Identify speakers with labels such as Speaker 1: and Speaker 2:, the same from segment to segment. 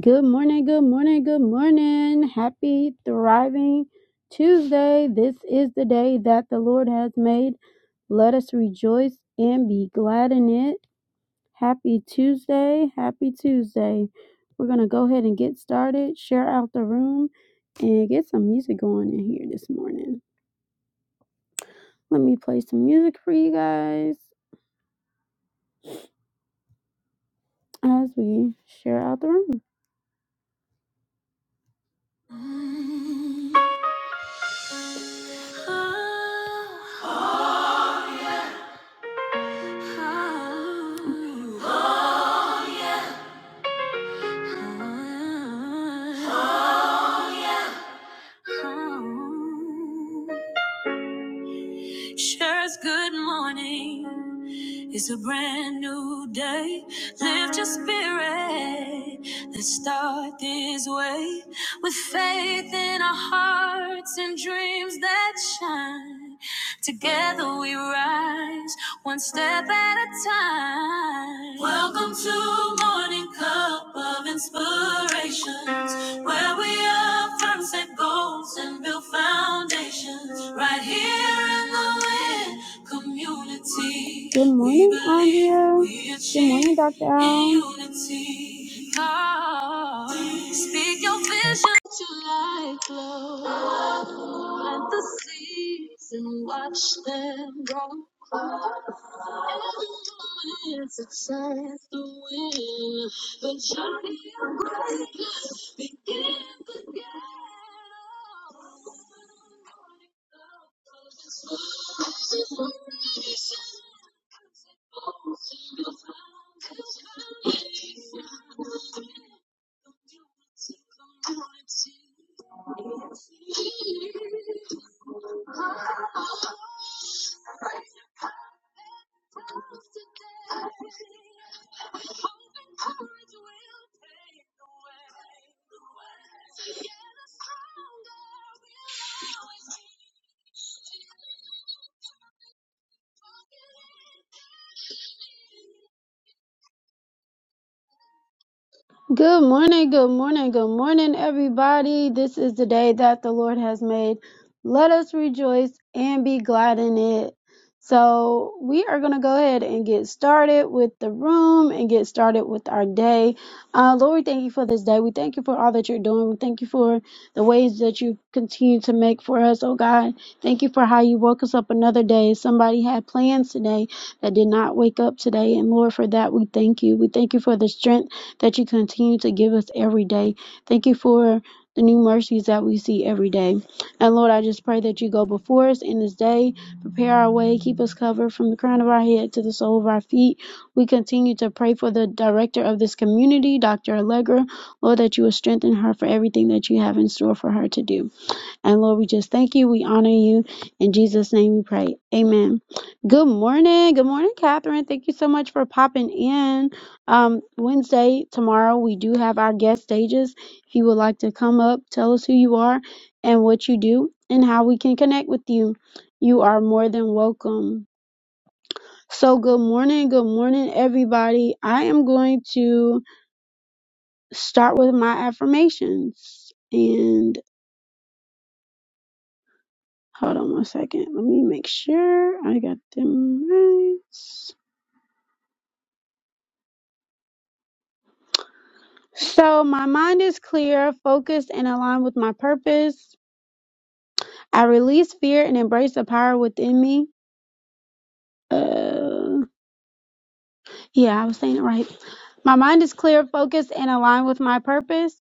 Speaker 1: Good morning, good morning, good morning. Happy Thriving Tuesday. This is the day that the Lord has made. Let us rejoice and be glad in it. Happy Tuesday, happy Tuesday. We're going to go ahead and get started, share out the room, and get some music going in here this morning. Let me play some music for you guys as we share out the room. Oh, oh, oh. Sure as good morning it's a brand new day. Lift your spirit. Let's start this way with faith in our hearts and dreams that shine. Together we rise, one step at a time. Welcome to Morning Cup of Inspirations, where we affirm set goals and build foundations. Right here in the land community. Good morning, we believe Andrea. we Good morning, achieve Dr. Al. unity. God, speak your vision July glow. Plant the seeds and watch them grow. Every moment's a chance to win. The journey of greatness begins. Good morning, good morning, good morning, everybody. This is the day that the Lord has made. Let us rejoice and be glad in it. So, we are going to go ahead and get started with the room and get started with our day. Uh, Lord, we thank you for this day. We thank you for all that you're doing. We thank you for the ways that you continue to make for us, oh God. Thank you for how you woke us up another day. Somebody had plans today that did not wake up today. And Lord, for that, we thank you. We thank you for the strength that you continue to give us every day. Thank you for the new mercies that we see every day. And Lord, I just pray that you go before us in this day, prepare our way, keep us covered from the crown of our head to the sole of our feet. We continue to pray for the director of this community, Dr. Allegra. Lord, that you will strengthen her for everything that you have in store for her to do. And Lord, we just thank you. We honor you. In Jesus' name we pray. Amen. Good morning. Good morning, Catherine. Thank you so much for popping in. Um, Wednesday, tomorrow, we do have our guest stages. If you would like to come up, tell us who you are and what you do and how we can connect with you. You are more than welcome. So, good morning. Good morning, everybody. I am going to start with my affirmations. and. Hold on one second. Let me make sure I got them right. So my mind is clear, focused, and aligned with my purpose. I release fear and embrace the power within me. Uh, yeah, I was saying it right. My mind is clear, focused, and aligned with my purpose.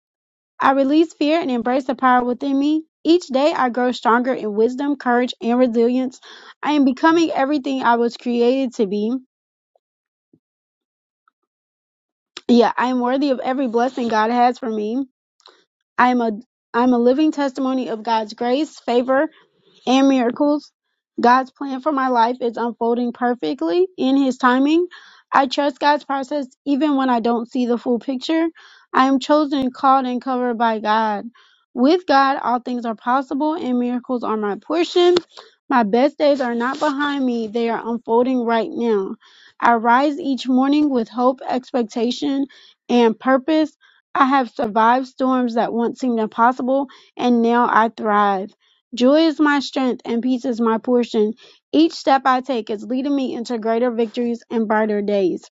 Speaker 1: I release fear and embrace the power within me. Each day I grow stronger in wisdom, courage, and resilience. I am becoming everything I was created to be. Yeah, I am worthy of every blessing God has for me. I am a I'm a living testimony of God's grace, favor, and miracles. God's plan for my life is unfolding perfectly in His timing. I trust God's process even when I don't see the full picture. I am chosen, called, and covered by God. With God, all things are possible and miracles are my portion. My best days are not behind me, they are unfolding right now. I rise each morning with hope, expectation, and purpose. I have survived storms that once seemed impossible, and now I thrive. Joy is my strength and peace is my portion. Each step I take is leading me into greater victories and brighter days.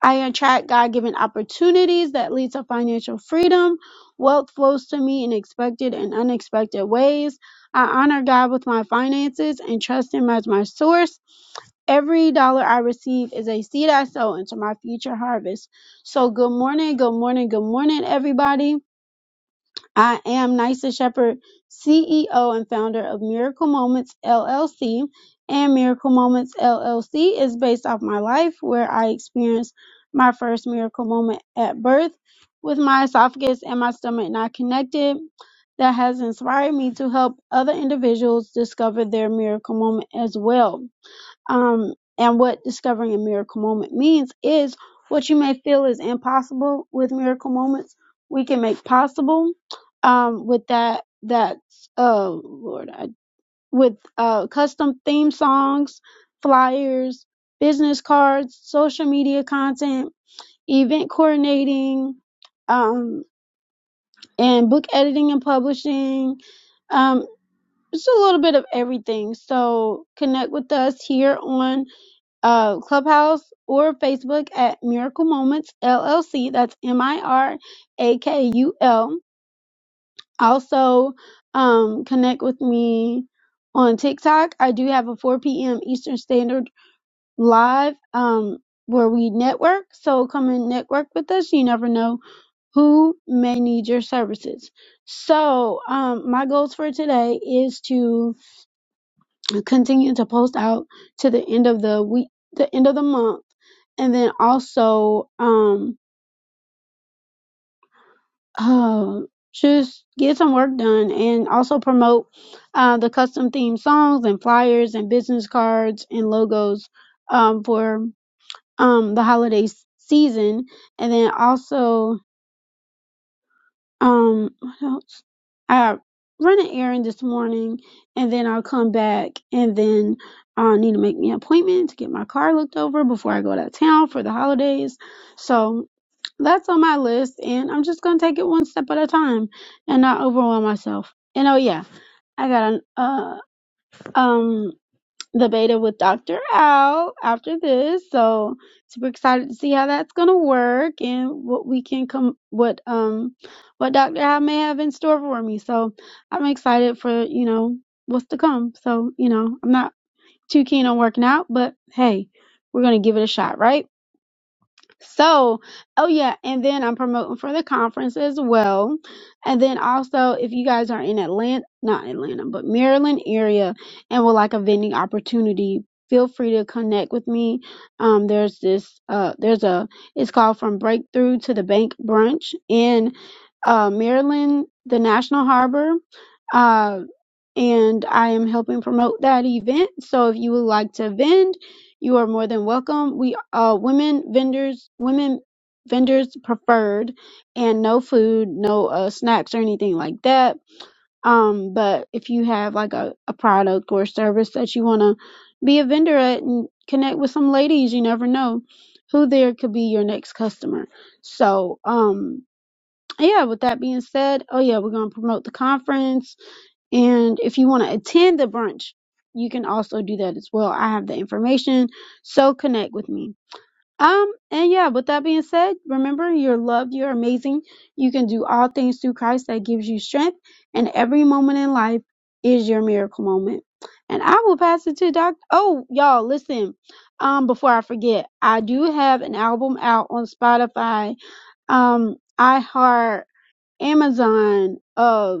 Speaker 1: I attract God given opportunities that lead to financial freedom. Wealth flows to me in expected and unexpected ways. I honor God with my finances and trust Him as my source. Every dollar I receive is a seed I sow into my future harvest. So, good morning, good morning, good morning, everybody. I am Nysa Shepherd, CEO and founder of Miracle Moments LLC. And Miracle Moments LLC is based off my life where I experienced my first miracle moment at birth with my esophagus and my stomach not connected. That has inspired me to help other individuals discover their miracle moment as well. Um, and what discovering a miracle moment means is what you may feel is impossible with miracle moments, we can make possible. Um, with that, that oh Lord, I, with uh, custom theme songs, flyers, business cards, social media content, event coordinating, um, and book editing and publishing. Um, just a little bit of everything. So connect with us here on uh, Clubhouse or Facebook at Miracle Moments LLC. That's M I R A K U L. Also, um, connect with me on TikTok. I do have a 4 p.m. Eastern Standard live um, where we network. So come and network with us. You never know who may need your services. So, um, my goals for today is to continue to post out to the end of the week, the end of the month, and then also um uh just get some work done and also promote uh the custom themed songs and flyers and business cards and logos um for um the holiday s- season and then also Um, what else? I run an errand this morning and then I'll come back and then I need to make me an appointment to get my car looked over before I go out of town for the holidays. So that's on my list and I'm just going to take it one step at a time and not overwhelm myself. And oh yeah, I got an, uh, um the beta with Dr. Al after this. So super excited to see how that's gonna work and what we can come what um what Dr. Al may have in store for me. So I'm excited for, you know, what's to come. So, you know, I'm not too keen on working out, but hey, we're gonna give it a shot, right? So, oh yeah, and then I'm promoting for the conference as well. And then also, if you guys are in Atlanta, not Atlanta, but Maryland area and would like a vending opportunity, feel free to connect with me. Um, there's this, uh, there's a, it's called From Breakthrough to the Bank Brunch in, uh, Maryland, the National Harbor. Uh, and I am helping promote that event. So if you would like to vend, you are more than welcome. We uh women vendors, women vendors preferred and no food, no uh snacks or anything like that. Um but if you have like a, a product or service that you want to be a vendor at and connect with some ladies, you never know who there could be your next customer. So, um yeah, with that being said, oh yeah, we're going to promote the conference and if you want to attend the brunch, you can also do that as well. I have the information, so connect with me. Um, and yeah, with that being said, remember you're loved, you're amazing. You can do all things through Christ that gives you strength, and every moment in life is your miracle moment. And I will pass it to Doc. Oh, y'all, listen. Um, before I forget, I do have an album out on Spotify, um, iHeart, Amazon, uh.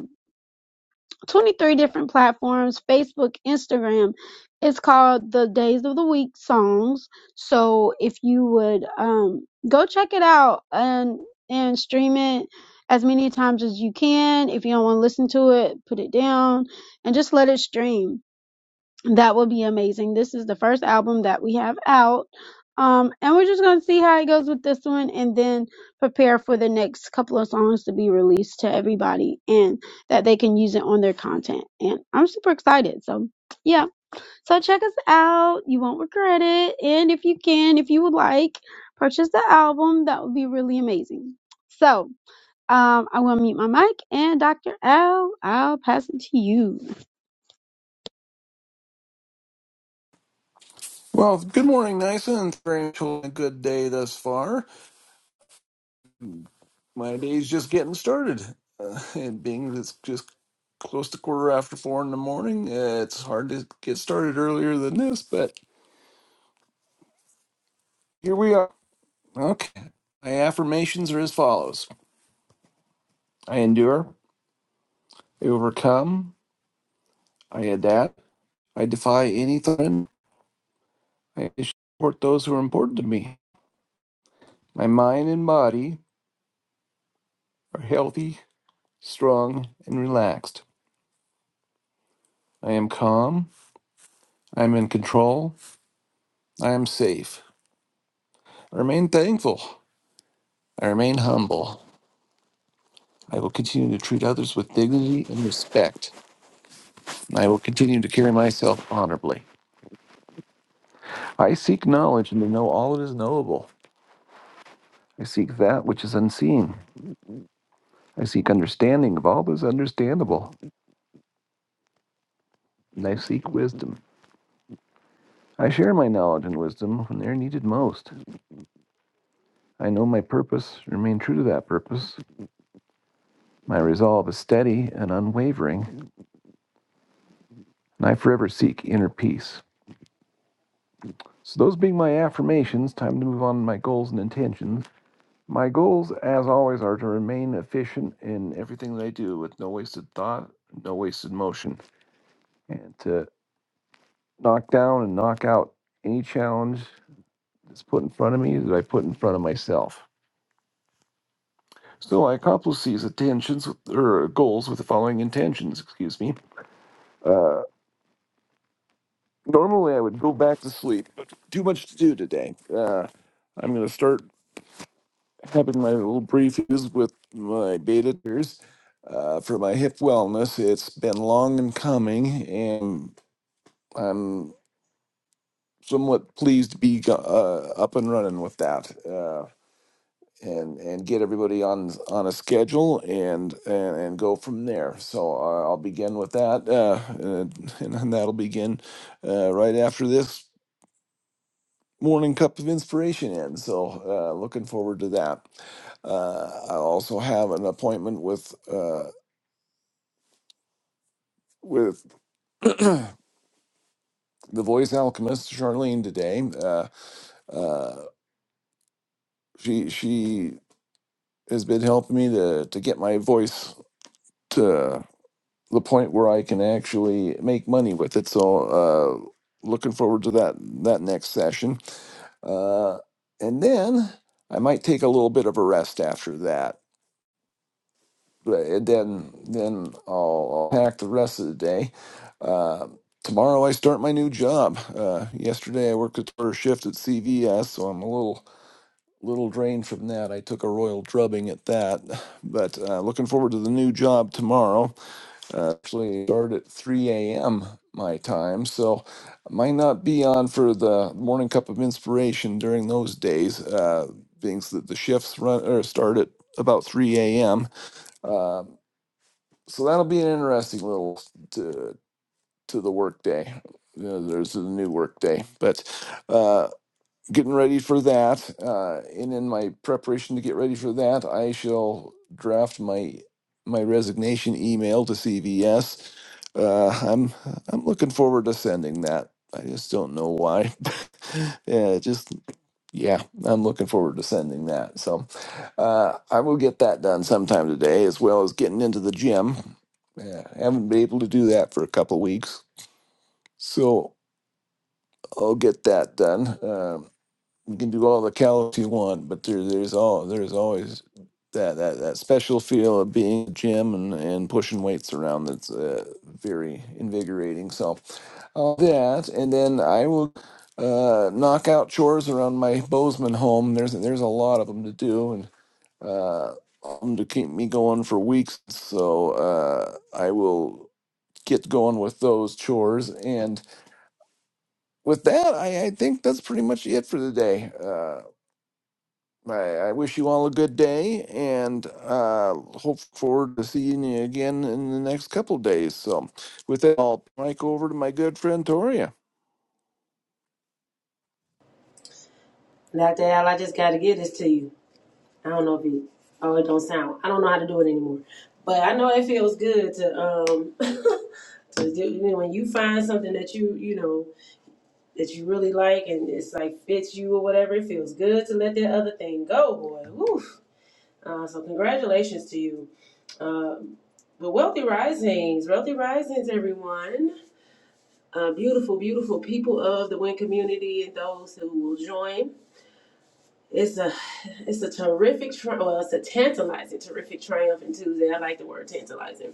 Speaker 1: 23 different platforms facebook instagram it's called the days of the week songs so if you would um go check it out and and stream it as many times as you can if you don't want to listen to it put it down and just let it stream that will be amazing. This is the first album that we have out. Um, and we're just going to see how it goes with this one and then prepare for the next couple of songs to be released to everybody and that they can use it on their content. And I'm super excited. So, yeah. So, check us out. You won't regret it. And if you can, if you would like, purchase the album. That would be really amazing. So, um, I will mute my mic and Dr. L, I'll pass it to you.
Speaker 2: Well, good morning, Nysa, and very cool, a good day thus far. My day's just getting started. Uh, and being that it's just close to quarter after four in the morning, uh, it's hard to get started earlier than this, but here we are. Okay. My affirmations are as follows I endure, I overcome, I adapt, I defy any threat, I support those who are important to me. My mind and body are healthy, strong, and relaxed. I am calm, I am in control. I am safe. I remain thankful. I remain humble. I will continue to treat others with dignity and respect. And I will continue to carry myself honorably. I seek knowledge and to know all that is knowable. I seek that which is unseen. I seek understanding of all that is understandable. And I seek wisdom. I share my knowledge and wisdom when they are needed most. I know my purpose, remain true to that purpose. My resolve is steady and unwavering, and I forever seek inner peace. So, those being my affirmations, time to move on to my goals and intentions. My goals, as always, are to remain efficient in everything that I do with no wasted thought, no wasted motion, and to knock down and knock out any challenge that's put in front of me that I put in front of myself. So, I accomplish these intentions with- or goals with the following intentions, excuse me. Normally, I would go back to sleep, but too much to do today. Uh, I'm going to start. having my little briefings with my beta testers uh, for my hip wellness. It's been long in coming, and I'm somewhat pleased to be uh, up and running with that. Uh, and, and get everybody on on a schedule and and, and go from there. So uh, I'll begin with that, uh, and, and that'll begin uh, right after this morning cup of inspiration ends. So uh, looking forward to that. Uh, I also have an appointment with. uh, with the voice alchemist Charlene today. Uh, uh, she she has been helping me to to get my voice to the point where I can actually make money with it. So uh, looking forward to that that next session, uh, and then I might take a little bit of a rest after that. But- And then then I'll, I'll pack the rest of the day. Uh, tomorrow I start my new job. Uh, yesterday I worked a short shift at CVS, so I'm a little little drained from that. I took a royal drubbing at that, but uh, looking forward to the new job tomorrow. Uh, actually, start at 3 a.m. my time, so I might not be on for the morning cup of inspiration during those days, uh, being that the shifts run or start at about 3 a.m. Uh, so that'll be an interesting little to to the workday. Uh, there's a new work day, but. Uh, getting ready for that. Uh, and in my preparation to get ready for that, I shall draft my my resignation email to CVS. Uh, I'm I'm looking forward to sending that. I just don't know why. yeah, just yeah, I'm looking forward to sending that. So uh, I will get that done sometime today, as well as getting into the gym. Yeah, haven't been able to do that for a couple weeks, so I'll get that done. Um you can do all the calories you want, but there there's all there's always that that, that special feel of being in the gym and, and pushing weights around that's uh, very invigorating. So all that, and then I will uh, knock out chores around my Bozeman home. There's there's a lot of them to do, and uh, um, to keep me going for weeks. So uh, I will get going with those chores. And with that, I, I think that's pretty much it for the day. Uh, I, I wish you all a good day and uh, hope forward to seeing you again in the next couple days. So, with that, I'll mic over to my good friend Tori.
Speaker 3: That Al, I just gotta give this to you. I don't know if it oh it don't sound I don't know how to do it anymore. But I know it feels good to um to do, you know, when you find something that you you know that you really like and it's like fits you or whatever, it feels good to let that other thing go, boy. Woo. Uh, so congratulations to you. Um but wealthy risings, wealthy risings, everyone. Uh, beautiful, beautiful people of the Win community and those who will join. It's a it's a terrific tri- well it's a tantalizing terrific triumphant Tuesday. I like the word tantalizing.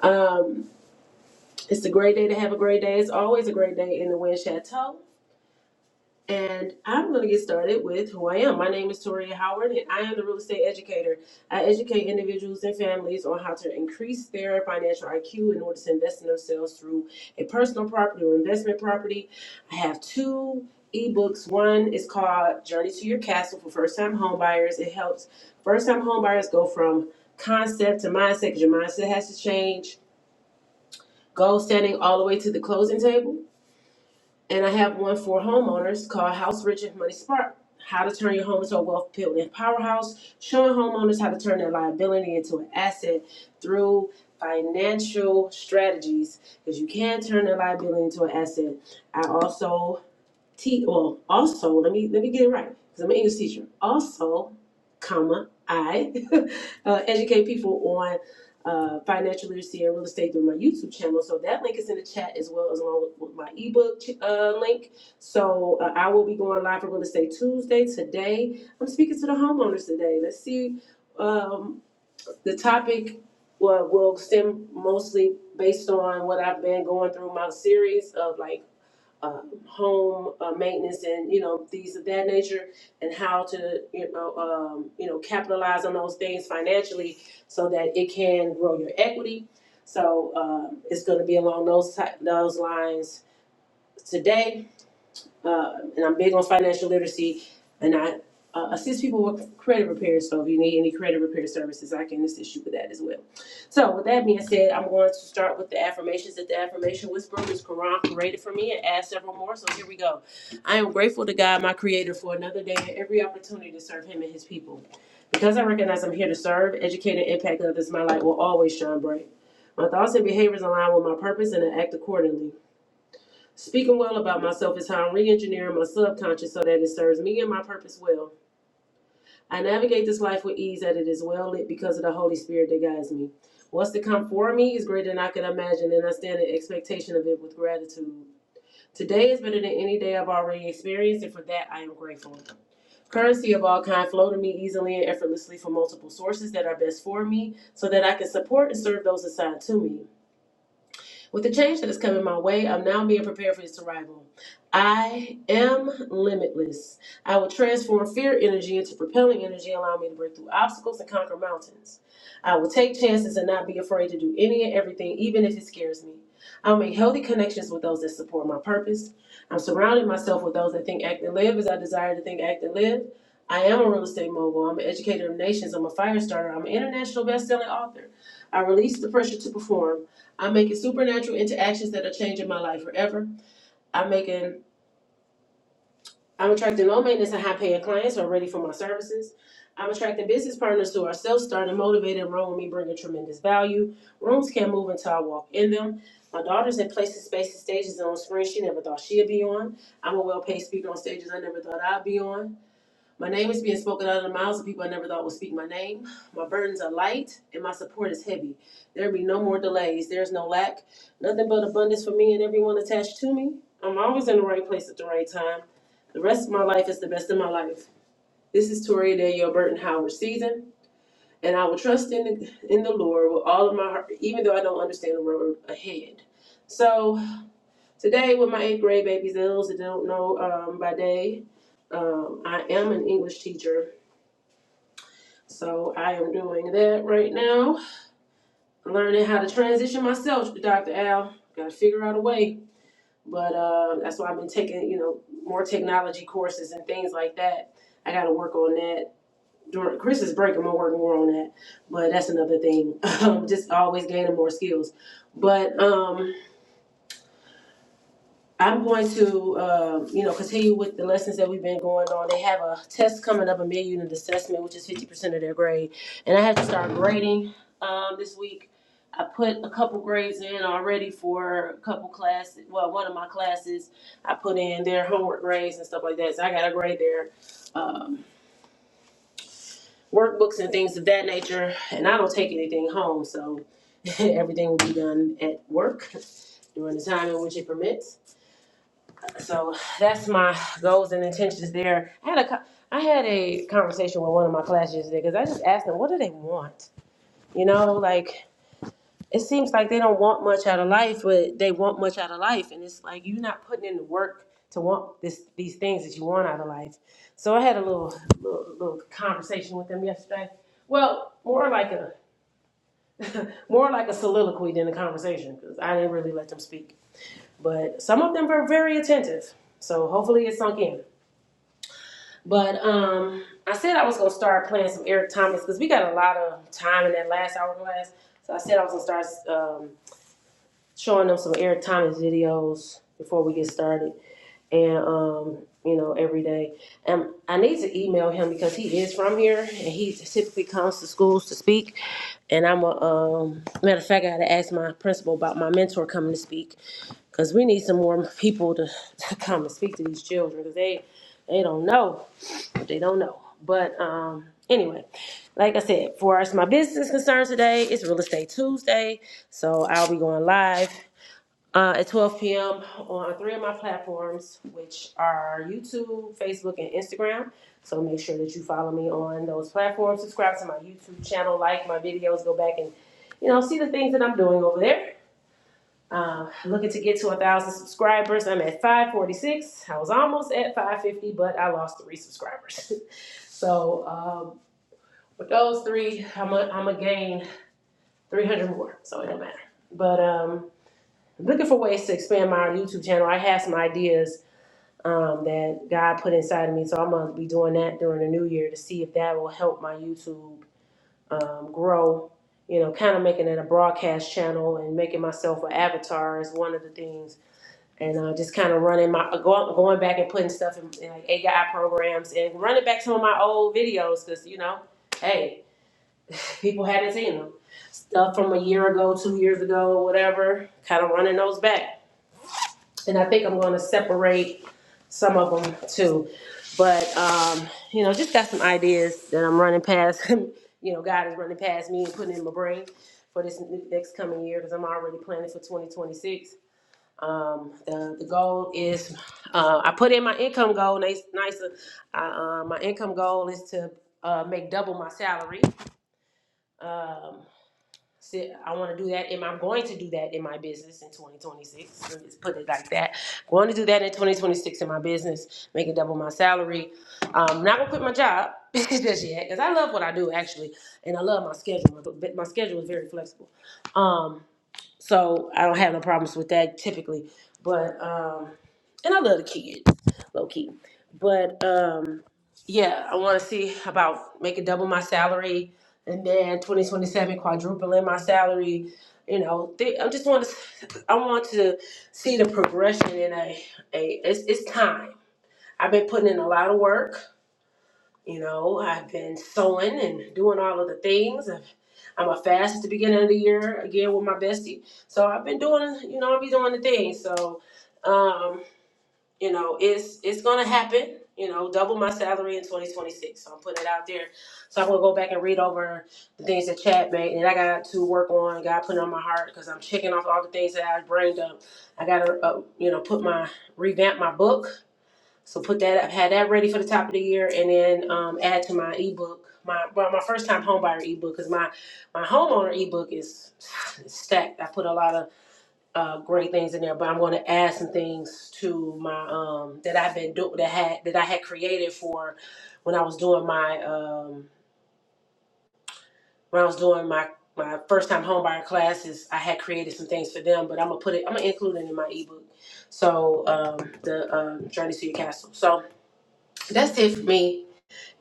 Speaker 3: Um, it's a great day to have a great day. It's always a great day in the Wind Chateau. And I'm going to get started with who I am. My name is Toria Howard, and I am the real estate educator. I educate individuals and families on how to increase their financial IQ in order to invest in themselves through a personal property or investment property. I have two ebooks. One is called Journey to Your Castle for first time homebuyers. It helps first time homebuyers go from concept to mindset because your mindset has to change. Goal setting all the way to the closing table. And I have one for homeowners called House Rich and Money Smart: How to turn your home into a wealth building powerhouse, showing homeowners how to turn their liability into an asset through financial strategies. Because you can turn a liability into an asset. I also T well also let me let me get it right because I'm an English teacher. Also, comma I uh, educate people on uh, financial literacy and real estate through my YouTube channel. So that link is in the chat as well as along with, with my ebook uh, link. So uh, I will be going live for real estate Tuesday today. I'm speaking to the homeowners today. Let's see um, the topic. will will stem mostly based on what I've been going through my series of like uh, home uh, maintenance and you know these of that nature and how to you know um, you know capitalize on those things financially so that it can grow your equity so um, it's going to be along those those lines today uh, and I'm big on financial literacy, and I uh, assist people with credit repair. So if you need any credit repair services, I can assist you with that as well. So with that being said, I'm going to start with the affirmations that the affirmation whisperer, Ms. Quran, created for me and add several more. So here we go. I am grateful to God, my creator, for another day and every opportunity to serve him and his people. Because I recognize I'm here to serve, educate, and impact others, my light will always shine bright. My thoughts and behaviors align with my purpose and I act accordingly. Speaking well about myself is how I'm re engineering my subconscious so that it serves me and my purpose well. I navigate this life with ease that it is well lit because of the Holy Spirit that guides me. What's to come for me is greater than I can imagine, and I stand in expectation of it with gratitude. Today is better than any day I've already experienced, and for that I am grateful. Currency of all kind flow to me easily and effortlessly from multiple sources that are best for me, so that I can support and serve those assigned to me. With the change that is coming my way, I'm now being prepared for its arrival. I am limitless. I will transform fear energy into propelling energy, allowing me to break through obstacles and conquer mountains. I will take chances and not be afraid to do any and everything, even if it scares me. I'll make healthy connections with those that support my purpose. I'm surrounding myself with those that think, act, and live as I desire to think, act, and live. I am a real estate mogul. I'm an educator of nations. I'm a fire starter. I'm an international best-selling author. I release the pressure to perform. I'm making supernatural interactions that are changing my life forever. I'm making I'm attracting low maintenance and high paying clients who are ready for my services. I'm attracting business partners who are self starting, motivated, and run with me, bringing tremendous value. Rooms can't move until I walk in them. My daughter's in places, spaces, stages on screen she never thought she'd be on. I'm a well paid speaker on stages I never thought I'd be on. My name is being spoken out of the mouths of people I never thought would speak my name. My burdens are light and my support is heavy. There will be no more delays. There is no lack. Nothing but abundance for me and everyone attached to me. I'm always in the right place at the right time. The rest of my life is the best of my life. This is Toria Danielle Burton Howard season, and I will trust in the, in the Lord with all of my heart, even though I don't understand the road ahead. So today, with my eighth grade babies, and those that don't know um, by day, um, I am an English teacher So I am doing that right now. Learning how to transition myself, to Dr. Al. Gotta figure out a way. But uh, that's why I've been taking, you know, more technology courses and things like that. I gotta work on that. During Christmas break, I'm gonna work more on that. But that's another thing. just always gaining more skills. But um, I'm going to, um, you know, continue with the lessons that we've been going on. They have a test coming up, a mid-unit assessment, which is 50% of their grade, and I have to start grading um, this week. I put a couple grades in already for a couple classes. Well, one of my classes, I put in their homework grades and stuff like that. So I got to grade their um, workbooks and things of that nature. And I don't take anything home, so everything will be done at work during the time in which it permits. So that's my goals and intentions there. I had a co- I had a conversation with one of my classes yesterday because I just asked them, what do they want? You know, like it seems like they don't want much out of life, but they want much out of life, and it's like you're not putting in the work to want this these things that you want out of life. So I had a little little, little conversation with them yesterday. Well, more like a more like a soliloquy than a conversation because I didn't really let them speak. But some of them were very attentive, so hopefully it sunk in. But um, I said I was gonna start playing some Eric Thomas because we got a lot of time in that last hour class. So I said I was gonna start um, showing them some Eric Thomas videos before we get started, and um, you know every day. And I need to email him because he is from here and he typically comes to schools to speak. And I'm a um, matter of fact, I gotta ask my principal about my mentor coming to speak because we need some more people to, to come and speak to these children because they they don't know. They don't know. But um, anyway, like I said, for us, my business concerns today, it's Real Estate Tuesday. So I'll be going live uh, at 12 p.m. on three of my platforms, which are YouTube, Facebook, and Instagram. So make sure that you follow me on those platforms. Subscribe to my YouTube channel, like my videos, go back and you know see the things that I'm doing over there. Uh, looking to get to a thousand subscribers. I'm at 546. I was almost at 550, but I lost three subscribers. so um, with those three, I'm to gain 300 more. So it don't matter. But um, I'm looking for ways to expand my YouTube channel. I have some ideas um, that God put inside of me, so I'm gonna be doing that during the new year to see if that will help my YouTube um, grow. You know, kind of making it a broadcast channel and making myself an avatar is one of the things and uh, just kind of running my going, going back and putting stuff in, in like AI programs and running back some of my old videos because you know, hey, people hadn't seen them stuff from a year ago, two years ago, whatever. Kind of running those back, and I think I'm going to separate some of them too. But um, you know, just got some ideas that I'm running past. you know, God is running past me and putting in my brain for this next coming year because I'm already planning for 2026 um, the the goal is uh, I put in my income goal. Nice, nicer. I, uh, my income goal is to uh, make double my salary. Um, so I want to do that, and I'm going to do that in my business in 2026. Let's put it like that. Going to do that in 2026 in my business, make it double my salary. Um, not gonna quit my job just yet, cause I love what I do actually, and I love my schedule. My, my schedule is very flexible. Um, so I don't have no problems with that typically. But um and I love the kids, low key. But um yeah, I wanna see about making double my salary and then twenty twenty seven quadrupling my salary. You know, they, I just want to, I want to see the progression in a, a it's, it's time. I've been putting in a lot of work you know, I've been sewing and doing all of the things. I've, I'm a fast at the beginning of the year again with my bestie. So I've been doing, you know, I'll be doing the thing. So, um, you know, it's it's gonna happen. You know, double my salary in 2026. So I'm putting it out there. So I'm gonna go back and read over the things that Chad made, and I got to work on. God put it on my heart because I'm checking off all the things that I brain dumped. I gotta, uh, you know, put my revamp my book so put that up, had that ready for the top of the year, and then um, add to my ebook, my well, my first time homebuyer ebook, because my my homeowner ebook is stacked. I put a lot of uh, great things in there, but I'm going to add some things to my um, that I've been doing that had that I had created for when I was doing my um, when I was doing my my first time homebuyer classes. I had created some things for them, but I'm gonna put it. I'm gonna include it in my ebook. So um, the um, journey to your castle. So that's it for me.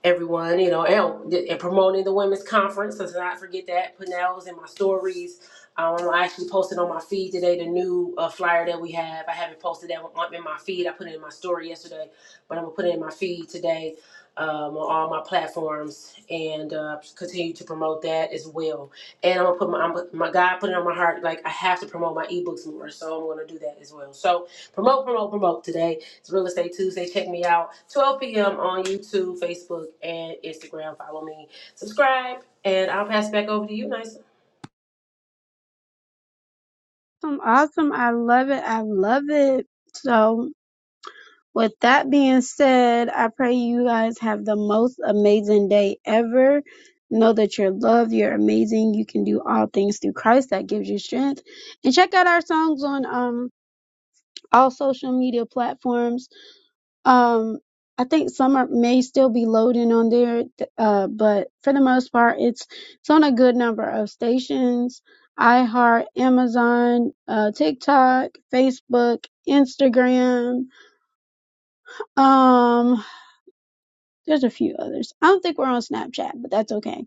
Speaker 3: everyone, you know, and, and promoting the women's conference. Let's not forget that. Putting that was in my stories. Um, I actually posted on my feed today the new uh, flyer that we have. I haven't posted that one in my feed. I put it in my story yesterday, but I'm gonna put it in my feed today um, on all my platforms and uh, continue to promote that as well. And I'm gonna put my I'm, my God put it on my heart. Like I have to promote my ebooks more, so I'm gonna do that as well. So promote, promote, promote today it's Real Estate Tuesday. Check me out 12 p.m. on YouTube, Facebook, and Instagram. Follow me, subscribe, and I'll pass it back over to you, Nice.
Speaker 1: Awesome, awesome. I love it. I love it. So, with that being said, I pray you guys have the most amazing day ever. Know that you're loved, you're amazing, you can do all things through Christ that gives you strength. And check out our songs on um all social media platforms. Um, I think some are, may still be loading on there, th- uh, but for the most part, it's it's on a good number of stations: iHeart, Amazon, uh, TikTok, Facebook, Instagram. Um, there's a few others. I don't think we're on Snapchat, but that's okay.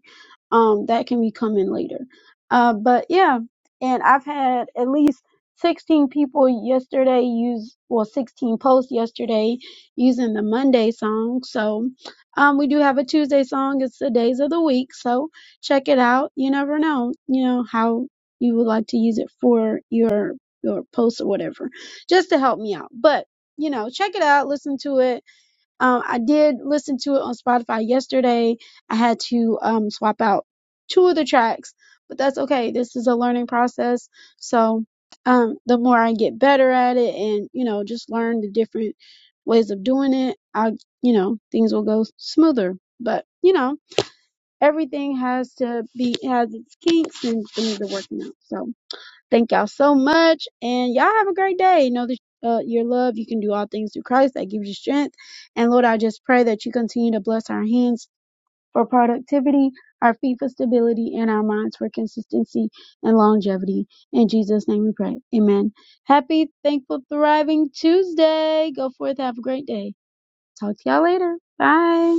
Speaker 1: Um, that can be coming later. Uh, but yeah, and I've had at least 16 people yesterday use, well, 16 posts yesterday using the Monday song. So, um, we do have a Tuesday song. It's the days of the week. So check it out. You never know, you know, how you would like to use it for your, your posts or whatever, just to help me out. But, you know, check it out, listen to it um, I did listen to it on Spotify yesterday. I had to um, swap out two of the tracks, but that's okay. This is a learning process. So um, the more I get better at it and, you know, just learn the different ways of doing it, I, you know, things will go smoother. But, you know, everything has to be, has its kinks and things are working out. So Thank y'all so much, and y'all have a great day. Know that uh, your love, you can do all things through Christ that gives you strength. And Lord, I just pray that you continue to bless our hands for productivity, our feet for stability, and our minds for consistency and longevity. In Jesus' name we pray. Amen. Happy, thankful, thriving Tuesday. Go forth, have a great day. Talk to y'all later. Bye.